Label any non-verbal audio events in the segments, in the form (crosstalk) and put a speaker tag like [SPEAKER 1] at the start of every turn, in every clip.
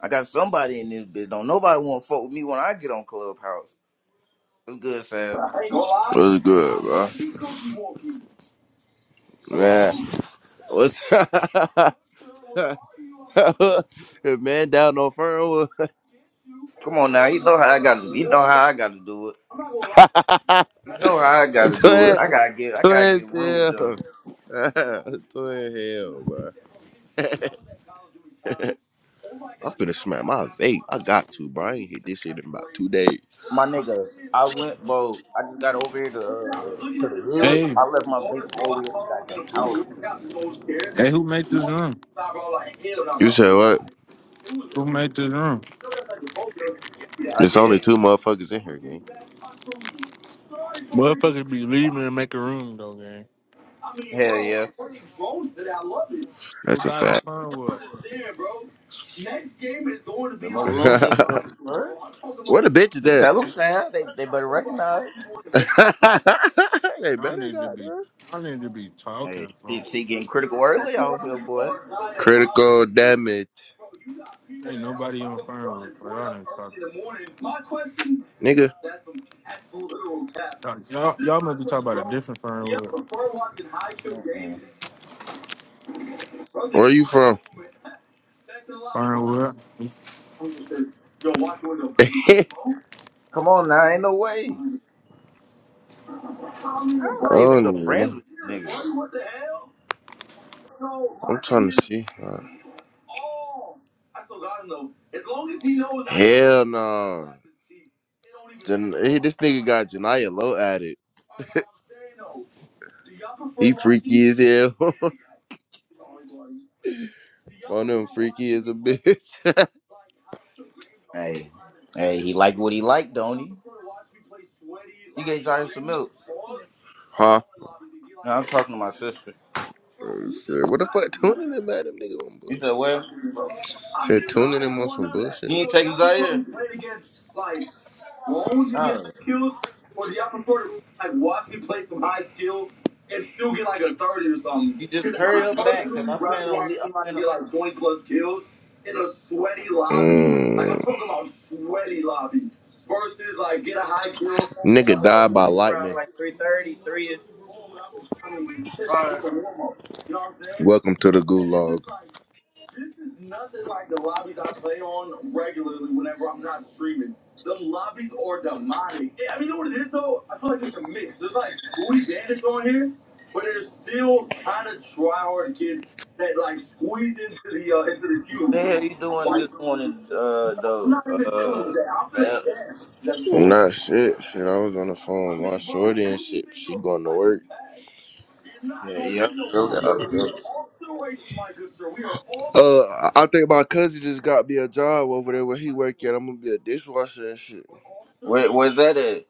[SPEAKER 1] I got somebody in this bitch. Don't nobody want to fuck with me when I get on Clubhouse. It's good, Sam.
[SPEAKER 2] What's good, bro? Man, what's (laughs) man down on Fernwood? (laughs)
[SPEAKER 1] Come on now, you know how I got to. You know how I got to do it. You know how I got to do it.
[SPEAKER 2] Twin,
[SPEAKER 1] I gotta get. I gotta
[SPEAKER 2] twin
[SPEAKER 1] get room
[SPEAKER 2] hell,
[SPEAKER 1] jump.
[SPEAKER 2] (laughs) twin hell, bro. (laughs) I'm finna smack my vape. I got to, bro. I ain't hit this shit in about two days.
[SPEAKER 1] My nigga, I went, bro. I just got over here to uh, to the hood.
[SPEAKER 3] Hey,
[SPEAKER 1] I left my vape all the way at the goddamn house.
[SPEAKER 3] hey, who made this room?
[SPEAKER 2] You said what?
[SPEAKER 3] Who made this room?
[SPEAKER 1] I
[SPEAKER 2] It's only
[SPEAKER 1] did.
[SPEAKER 2] two motherfuckers in here, gang.
[SPEAKER 3] Motherfuckers be leaving and make a room though, gang.
[SPEAKER 1] Hell yeah.
[SPEAKER 3] Who
[SPEAKER 2] That's a
[SPEAKER 3] died on
[SPEAKER 2] fact. (laughs)
[SPEAKER 3] Fernwood?
[SPEAKER 1] But my room gets jumped first.
[SPEAKER 2] What a bitch is
[SPEAKER 1] The
[SPEAKER 2] that?
[SPEAKER 1] tell them, Sam. They they better recognize.
[SPEAKER 2] (laughs) they
[SPEAKER 3] Y'all
[SPEAKER 2] better
[SPEAKER 3] need to
[SPEAKER 2] got
[SPEAKER 3] be,
[SPEAKER 2] there.
[SPEAKER 3] y'all need to be talking,
[SPEAKER 1] Hey, she,
[SPEAKER 3] bro.
[SPEAKER 1] she getting critical early out here, boy.
[SPEAKER 2] Critical damage.
[SPEAKER 3] Ain't nobody on Fernwood, bro. Y'all need to
[SPEAKER 2] Nigga,
[SPEAKER 3] talk. Y'all, y'all must be talking about a different Fernwood.
[SPEAKER 1] Mm-mm.
[SPEAKER 2] where you from?
[SPEAKER 3] Fernwood.
[SPEAKER 2] (laughs)
[SPEAKER 1] Come on now, ain't no way.
[SPEAKER 2] I
[SPEAKER 1] I'm not even no
[SPEAKER 2] don't even know.
[SPEAKER 1] friends with this nigga.
[SPEAKER 2] I'm trying to see. Like, Hell no. Jan- hey, this nigga got Janaya Low at it. He freaky as hell. (laughs) Phone him freaky as a bitch.
[SPEAKER 1] Hey, hey, he liked what he liked, don't he? You gave Zaire some milk.
[SPEAKER 2] (laughs) huh?
[SPEAKER 1] No, I'm talking to my sister.
[SPEAKER 2] Oh, shit. What the fuck? Tuning in, madam nigga, on
[SPEAKER 1] You said where?
[SPEAKER 2] bullshit. Said tuning in on some
[SPEAKER 1] You
[SPEAKER 2] bullshit.
[SPEAKER 1] ain't taking Zaire. Oh, you just hurry up back, cause I plan on. le- I plan on.
[SPEAKER 2] Mm. Nigga died by lightning.
[SPEAKER 1] All right.
[SPEAKER 2] Welcome to the Gulag
[SPEAKER 1] The hell you doing this morning, uh, though? Uh, Fab.
[SPEAKER 2] shit, shit. I was on the phone
[SPEAKER 1] Yeah, yeah. Still got it, still got it.
[SPEAKER 2] uh, I think my cousin just got me a job over there where he work at. I'm gonna be a dishwasher and shit.
[SPEAKER 1] Where, where's that at?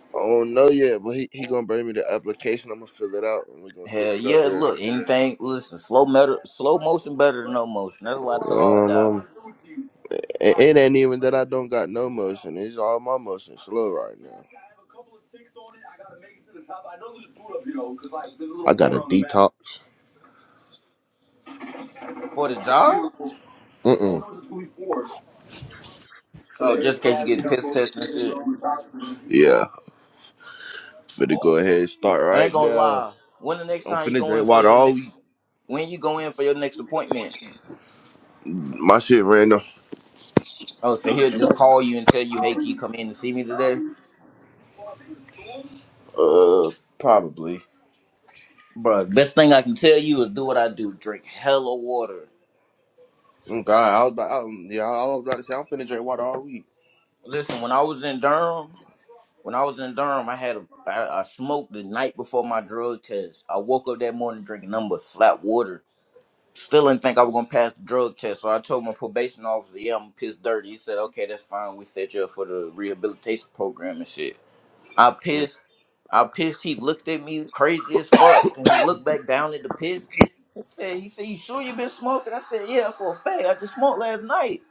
[SPEAKER 2] I don't know yet, but he, he gonna bring me the application. I'm gonna fill it out and we're gonna take
[SPEAKER 1] Hell
[SPEAKER 2] it out
[SPEAKER 1] yeah!
[SPEAKER 2] there.
[SPEAKER 1] Look, anything. Listen, slow metal, slow motion better than no motion. That's why I tell all the
[SPEAKER 2] Um, um,
[SPEAKER 1] guys
[SPEAKER 2] it, it ain't even that I don't got no motion. It's all my motion slow right now. I got a detox.
[SPEAKER 1] for the job.
[SPEAKER 2] Mm-mm.
[SPEAKER 1] Oh, just in case you get piss tests and shit.
[SPEAKER 2] Yeah, finna go ahead and start
[SPEAKER 1] I
[SPEAKER 2] right
[SPEAKER 1] ain't gonna
[SPEAKER 2] now.
[SPEAKER 1] lie. When the next
[SPEAKER 2] I'm
[SPEAKER 1] time you
[SPEAKER 2] finna
[SPEAKER 1] go in
[SPEAKER 2] drink
[SPEAKER 1] for
[SPEAKER 2] water
[SPEAKER 1] your
[SPEAKER 2] all
[SPEAKER 1] next,
[SPEAKER 2] week.
[SPEAKER 1] when you go in for your next appointment?
[SPEAKER 2] My shit random.
[SPEAKER 1] Oh, so he'll just call you and tell you, hey, can you come in to see me today?
[SPEAKER 2] Uh, probably.
[SPEAKER 1] Bro, best thing I can tell you is do what I do. Drink hella water.
[SPEAKER 2] Mm, God, I was about, I, was- yeah, I was about to say I'm finna drink water all week.
[SPEAKER 1] Listen, when I was in Durham, when I was in Durham, I had a, I, I smoked the night before my drug test. I woke up that morning drinking nothing but flat water. Still didn't think I was gonna pass the drug test, so I told my probation officer, "Yeah, I'm pissed dirty." He said, "Okay, that's fine. We set you up for the rehabilitation program and shit." I
[SPEAKER 2] Mm. (laughs)
[SPEAKER 1] pissed. I pissed. He looked at me crazy as fuck, and he looked back down at the piss. He said, "He said, you sure you been smoking?" I said, "Yeah, for a fact. I just smoked last night."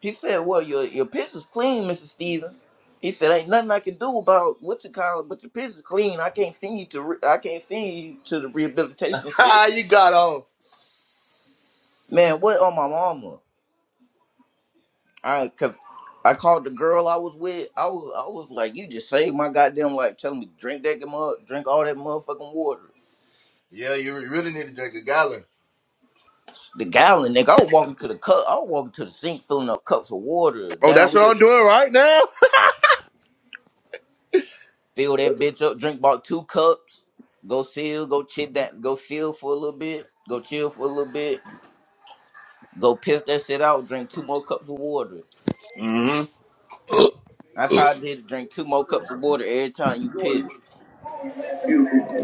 [SPEAKER 1] He said, "Well, your your piss is clean, Mr. Stevens." He said, "Ain't nothing I can do about what you call it, but your piss is clean. I can't send you to. Re- I can't send you to the rehabilitation shit,
[SPEAKER 2] Ha! you got off.
[SPEAKER 1] man. What on my mama?" I cause I called the girl I was with. I was I was like, you just saved my goddamn life. Telling me drink that mug, drink all that motherfucking water.
[SPEAKER 2] Yeah, you really need to drink a gallon.
[SPEAKER 1] The gallon, nigga. I was walking to the cup. I was walking to the sink, filling up cups of water.
[SPEAKER 2] Oh,
[SPEAKER 1] Down
[SPEAKER 2] that's what
[SPEAKER 1] here,
[SPEAKER 2] I'm doing right now. (laughs)
[SPEAKER 1] fill that bitch up. Drink about two cups. Go chill. Go chit that. Go chill for a little bit. Go chill for a little bit. Go piss that shit out. Drink two more cups of water.
[SPEAKER 2] hmm
[SPEAKER 1] That's how I did. it. Drink two more cups of water every time you piss.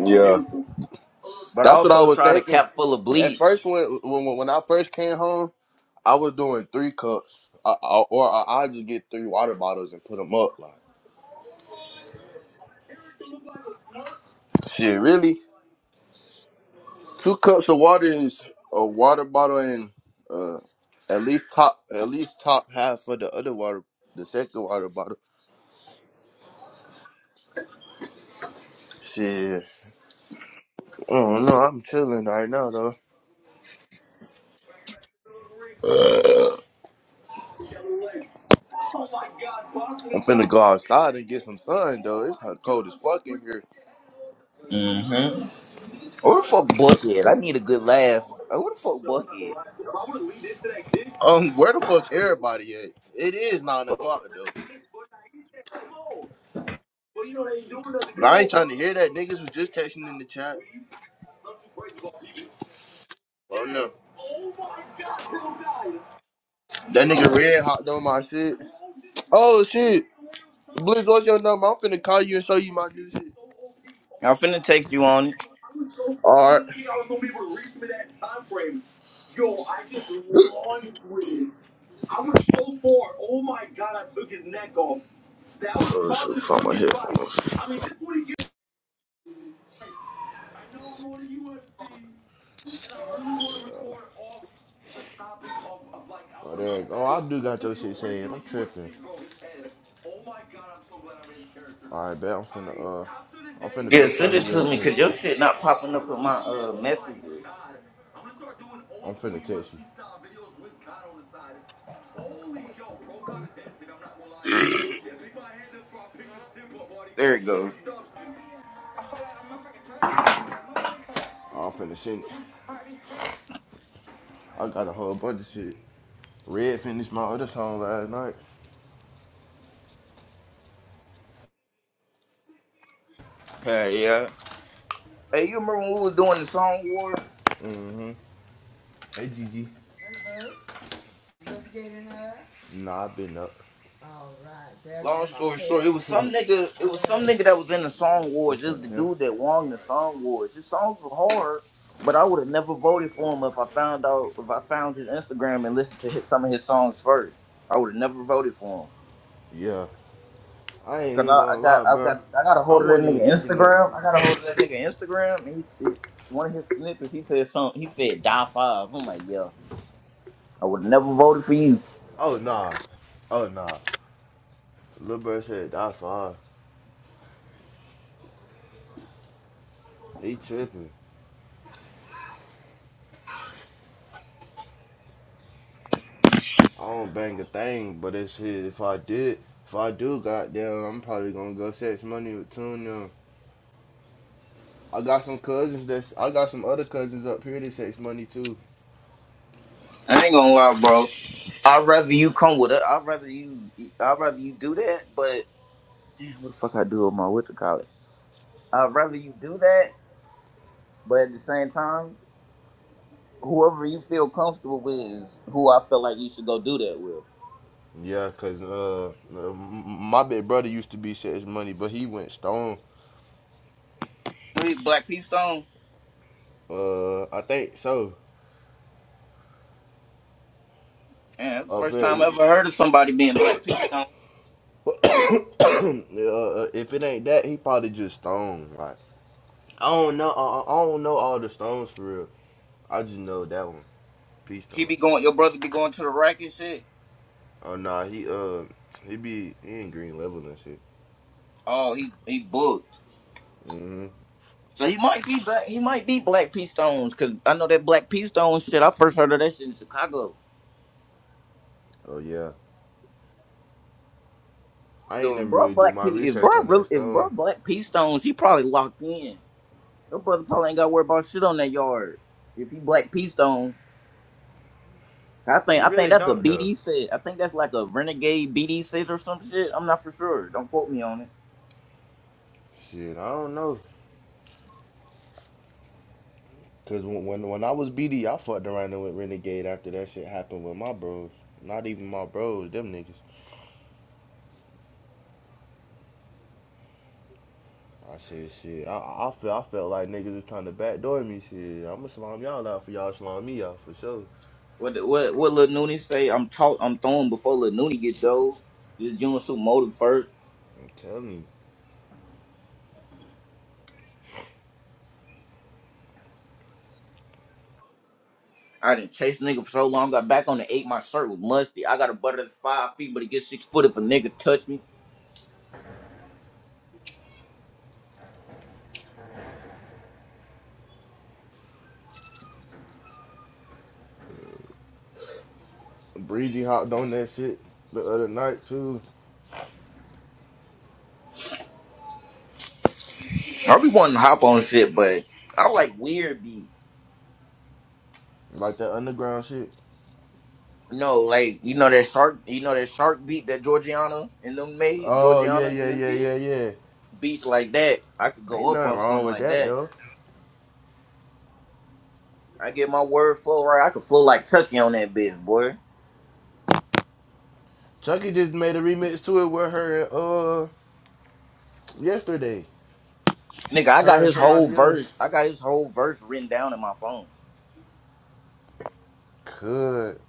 [SPEAKER 2] Yeah,
[SPEAKER 1] But I
[SPEAKER 2] that's what I
[SPEAKER 1] also
[SPEAKER 2] was
[SPEAKER 1] try to
[SPEAKER 2] thinking.
[SPEAKER 1] cap full of
[SPEAKER 2] At
[SPEAKER 1] bleach.
[SPEAKER 2] first, when when when I first came home, I was doing three cups, I, I, or I, I just get three water bottles and put them up. Like, shit, really? Two cups of water is a water bottle and uh at least top at least top half of the other water the second water bottle. Shit. I don't know, I'm chilling right now though. Uh, I'm finna go outside and get some sun though. It's hot cold as fuck in here.
[SPEAKER 1] hmm Where the fuck Buckhead? I need a good laugh. Where the fuck Buckhead?
[SPEAKER 2] Um, where the fuck everybody at? It is nine o'clock though. But I ain't trying to hear that. Niggas was just texting in the chat. Oh no. That nigga red hot on my shit. Oh shit. Blizz, what's your number? I'm finna call you and show you my new shit.
[SPEAKER 1] I'm finna text you on it.
[SPEAKER 2] Alright. Oh shit, found my headphones. go. Oh, I do got to your All right, bet I'm
[SPEAKER 1] Yeah, send it to me, cause your shit not popping up in my uh messages. There it goes.
[SPEAKER 2] finna send. I got a whole bunch of shit. Red finished my other song last night.
[SPEAKER 1] Hey, yeah. Hey, you remember when we was doing the song war?
[SPEAKER 2] Hey, Gigi. Nah, I've been up.
[SPEAKER 1] Long story short, it was some nigga. It was some nigga that was in the song wars.
[SPEAKER 2] What's
[SPEAKER 1] It was
[SPEAKER 2] up,
[SPEAKER 1] the
[SPEAKER 2] Tim?
[SPEAKER 1] dude that won the song wars. His songs were hard, but I would have never voted for him if I found out if I found his Instagram and listened to his, some of his songs first. I would have never voted for him.
[SPEAKER 2] Yeah. I ain't
[SPEAKER 1] Cause
[SPEAKER 2] even
[SPEAKER 1] I,
[SPEAKER 2] gonna
[SPEAKER 1] I
[SPEAKER 2] lie,
[SPEAKER 1] got I've
[SPEAKER 2] bro.
[SPEAKER 1] got I got a
[SPEAKER 2] I
[SPEAKER 1] hold of that
[SPEAKER 2] wasn't even
[SPEAKER 1] nigga
[SPEAKER 2] tripping up.
[SPEAKER 1] Instagram. I got a hold of that nigga Instagram, and he, he- one of his snippets he said something. He said die five. I'm like yo, I would never voted for you.
[SPEAKER 2] Oh, nah. Oh, nah. Lil Bird said, that's fine. He tripping. I don't bang a thing, but it's his. If I did, if I do, goddamn, I'm probably gonna go sex money with Tune them. I got some cousins that's, I got some other cousins up here that sex money too.
[SPEAKER 1] I ain't gonna lie, bro. I'd rather you come with it. I'd rather you. I'd rather you do that. But man, what the fuck I do with my what to call it? I'd rather you do that. But at the same time, whoever you feel comfortable with is who I feel like you should go do that with.
[SPEAKER 2] Yeah, cause uh, uh, my big brother used to be Sex Money, but he went stone.
[SPEAKER 1] Hey, Black Peastone.
[SPEAKER 2] Uh, I think so.
[SPEAKER 1] Man, that's the
[SPEAKER 2] Up
[SPEAKER 1] first
[SPEAKER 2] here,
[SPEAKER 1] time I
[SPEAKER 2] he-
[SPEAKER 1] ever
[SPEAKER 2] (coughs)
[SPEAKER 1] heard of somebody being Black Peastone.
[SPEAKER 2] (clears throat) uh, if it ain't that, he probably just stone. Like I don't know. I, I I don't know all the stones for real. I just know that one, Peace
[SPEAKER 1] He
[SPEAKER 2] Stone.
[SPEAKER 1] be going. Your brother be going to the rack and shit.
[SPEAKER 2] Oh nah, he uh, he be he in green level and shit.
[SPEAKER 1] Oh, he he booked.
[SPEAKER 2] hmm
[SPEAKER 1] So he might be black. He might be Black P Stones because I know that Black P Stones shit. I first heard of that shit in Chicago.
[SPEAKER 2] Oh yeah. I ain't
[SPEAKER 1] So if
[SPEAKER 2] never
[SPEAKER 1] bro
[SPEAKER 2] really do
[SPEAKER 1] Black
[SPEAKER 2] my
[SPEAKER 1] P, if bro
[SPEAKER 2] research on that
[SPEAKER 1] really, if
[SPEAKER 2] stone.
[SPEAKER 1] bro Black P Stones, he probably locked in. Your brother probably ain't got to worry about shit on that yard. If he Black P Stones, I think
[SPEAKER 2] It
[SPEAKER 1] I think
[SPEAKER 2] really
[SPEAKER 1] that's a
[SPEAKER 2] don't though.
[SPEAKER 1] BD set. I think that's like a renegade BD set or some shit. I'm not for sure. Don't quote me on it.
[SPEAKER 2] Shit, I don't know. Cause when when, when I was BD, I fucked around with Renegade after that shit happened with my bros. Not even my bros, them niggas. I said shit. I I felt I felt like niggas was trying to backdoor me. Shit, I'ma slime y'all out for y'all slime me out for sure.
[SPEAKER 1] What what what Lil Nooney say? I'm taught I'm throwing before Lil Nooney get those. This June suit motive first.
[SPEAKER 2] I'm telling you.
[SPEAKER 1] I didn't chase nigga for so long. Got back on the eight. My shirt was musty. I got a butter that's five feet, but it gets six foot if a nigga touch me.
[SPEAKER 2] Breezy hopped on that shit the other night too,
[SPEAKER 1] I be wanting to hop on shit, but I like weird beats.
[SPEAKER 2] like that underground shit.
[SPEAKER 1] No, like you know that shark, you know that shark beat that Georgiana and them made
[SPEAKER 2] Oh yeah
[SPEAKER 1] Georgiana
[SPEAKER 2] yeah
[SPEAKER 1] and them
[SPEAKER 2] yeah
[SPEAKER 1] did
[SPEAKER 2] yeah yeah.
[SPEAKER 1] beats like that. I could
[SPEAKER 2] Ain't
[SPEAKER 1] go up
[SPEAKER 2] nothing
[SPEAKER 1] on
[SPEAKER 2] wrong
[SPEAKER 1] something
[SPEAKER 2] with
[SPEAKER 1] like
[SPEAKER 2] that
[SPEAKER 1] that.
[SPEAKER 2] though.
[SPEAKER 1] I get my word flow right. I could flow like Tucky on that bitch, boy.
[SPEAKER 2] Chucky just made a remix to it with her and uh yesterday.
[SPEAKER 1] Nigga, I got
[SPEAKER 2] Her and
[SPEAKER 1] his whole
[SPEAKER 2] somebody else.
[SPEAKER 1] verse. I got his whole verse written down in my phone.
[SPEAKER 2] Could.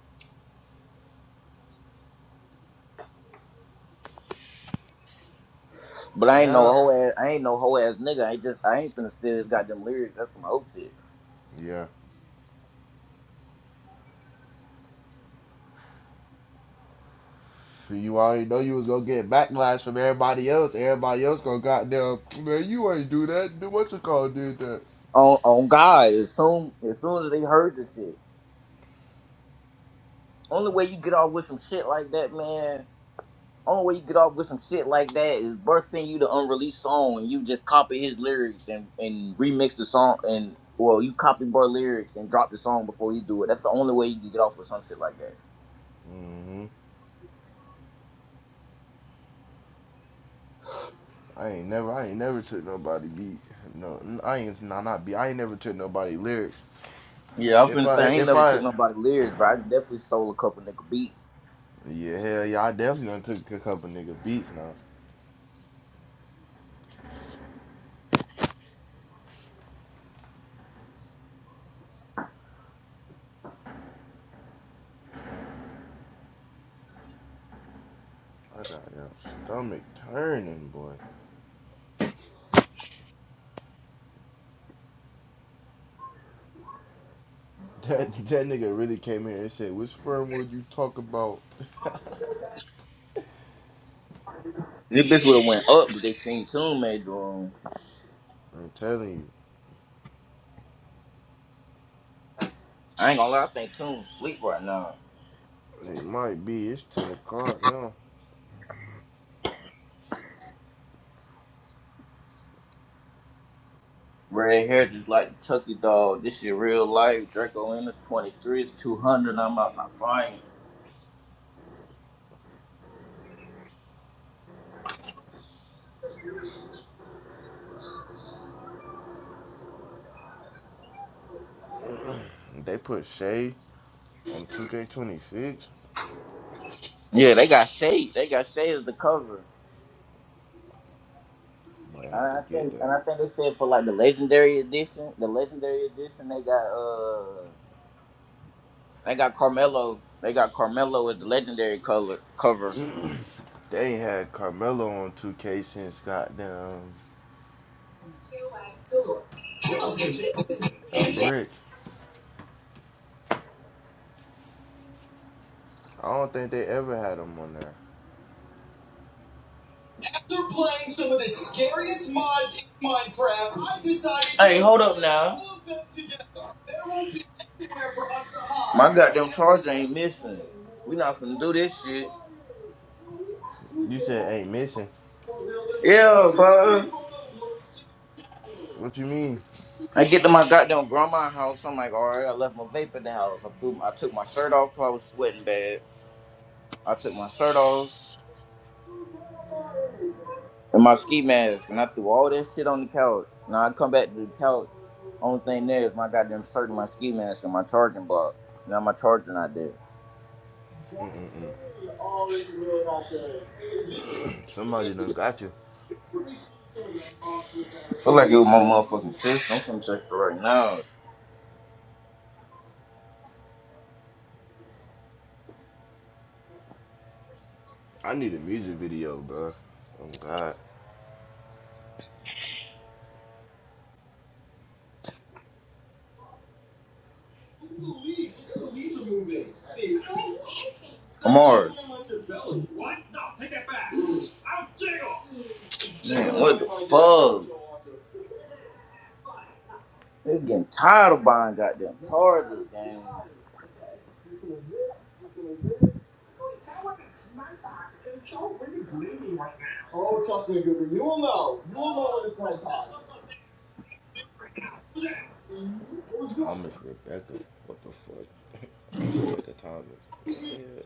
[SPEAKER 1] But I ain't no
[SPEAKER 2] now.
[SPEAKER 1] whole ass. I ain't no whole ass nigga. I just. I ain't finna steal his goddamn lyrics. That's some old shit.
[SPEAKER 2] Yeah. You already know you was gonna get backlash from everybody else. Everybody else gonna goddamn man, you ain't do that. Do what you call did that.
[SPEAKER 1] On on God, as soon as soon as they heard this shit, only way you get off with some shit like that, man. Only way you get off with some shit like that is Burst send you the unreleased song and you just copy his lyrics and and remix the song and well you copy Burst lyrics and drop the song before you do it. That's the only way you can get off with some shit like that.
[SPEAKER 2] hmm I ain't never, I ain't never took nobody beat. No, I ain't nah, not beat. I ain't never took nobody lyrics.
[SPEAKER 1] Yeah, I'm
[SPEAKER 2] If
[SPEAKER 1] finna
[SPEAKER 2] I,
[SPEAKER 1] say I ain't
[SPEAKER 2] if
[SPEAKER 1] never took
[SPEAKER 2] I,
[SPEAKER 1] nobody lyrics, but I definitely stole a couple nigga beats.
[SPEAKER 2] yeah, hell yeah, I definitely done took a couple nigga beats now. I got your stomach turning, boy. (laughs) That that nigga really came here and said, "Which firm would you talk about?"
[SPEAKER 1] This bitch would have went up, but they seen Toon made the room.
[SPEAKER 2] I'm telling you,
[SPEAKER 1] I ain't gonna lie, I think Toon sleep right now.
[SPEAKER 2] it might be. It's ten o'clock now.
[SPEAKER 1] Red hair just like the Tucky dog. This shit real life. Draco in the 23 is 200. I'm out my fine.
[SPEAKER 2] They put Shea on 2K26.
[SPEAKER 1] Yeah, they got shade. They got shade as the cover.
[SPEAKER 2] Boy,
[SPEAKER 1] And
[SPEAKER 2] how'd
[SPEAKER 1] I
[SPEAKER 2] they get
[SPEAKER 1] think,
[SPEAKER 2] that?
[SPEAKER 1] and I think they said for like the legendary edition, the legendary edition, they got uh, they got Carmelo. They got Carmelo as the legendary color cover.
[SPEAKER 2] They ain't had Carmelo on 2K since goddamn a brick. I don't think they ever had him on there.
[SPEAKER 1] After playing some of the scariest mods in Minecraft, I decided. Hey, to hold up now. all of them together. for us to hide. My goddamn charger ain't missing. We not finna do this shit.
[SPEAKER 2] You said ain't missing.
[SPEAKER 1] Yeah, bro.
[SPEAKER 2] What you mean?
[SPEAKER 1] I get to my goddamn grandma's house. I'm like, all right, I left my vape in the house. I, threw, I took my shirt off because I was sweating bad. I took my shirt off. and my ski mask, and I threw all that shit on the couch. Now I come back to the couch. Only thing there is my goddamn shirt and my ski mask and my charging block. Now my charger not there.
[SPEAKER 2] Somebody done got you.
[SPEAKER 1] Feel like it was my motherfucking sister. I'm from Texas right now.
[SPEAKER 2] I need a music video, bro. Oh God,
[SPEAKER 1] I'm hard. Man, what the fuck? They getting tired of buying goddamn chargers, gang. Man,
[SPEAKER 2] Thomas Rebecca. What the fuck? (laughs) oh Rebecca Thomas. What the hell?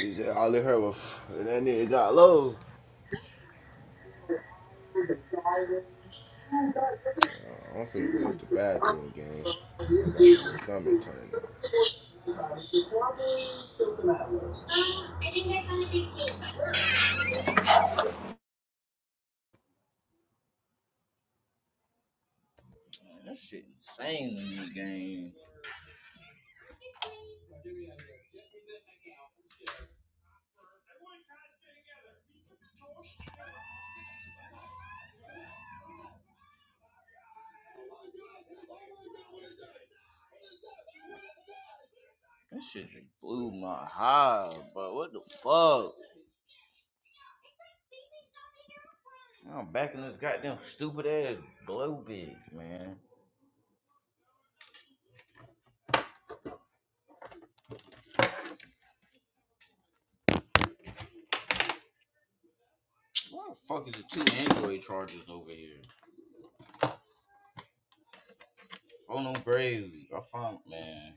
[SPEAKER 2] He said all he heard was and that nigga got low. Yeah, I'm finna go use the bathroom, gang. My goddamn stomach turning.
[SPEAKER 1] that shit insane to me, gang. That shit just blew my high, bro. What the fuck? I'm back in this goddamn stupid ass glow bit, man. Why the fuck is the two Android chargers over here? Phone on Bravely. I found man.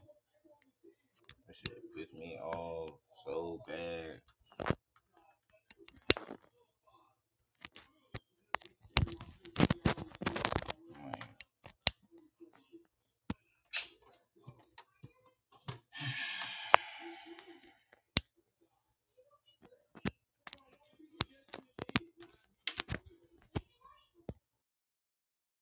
[SPEAKER 1] That shit pissed me off so bad. Man.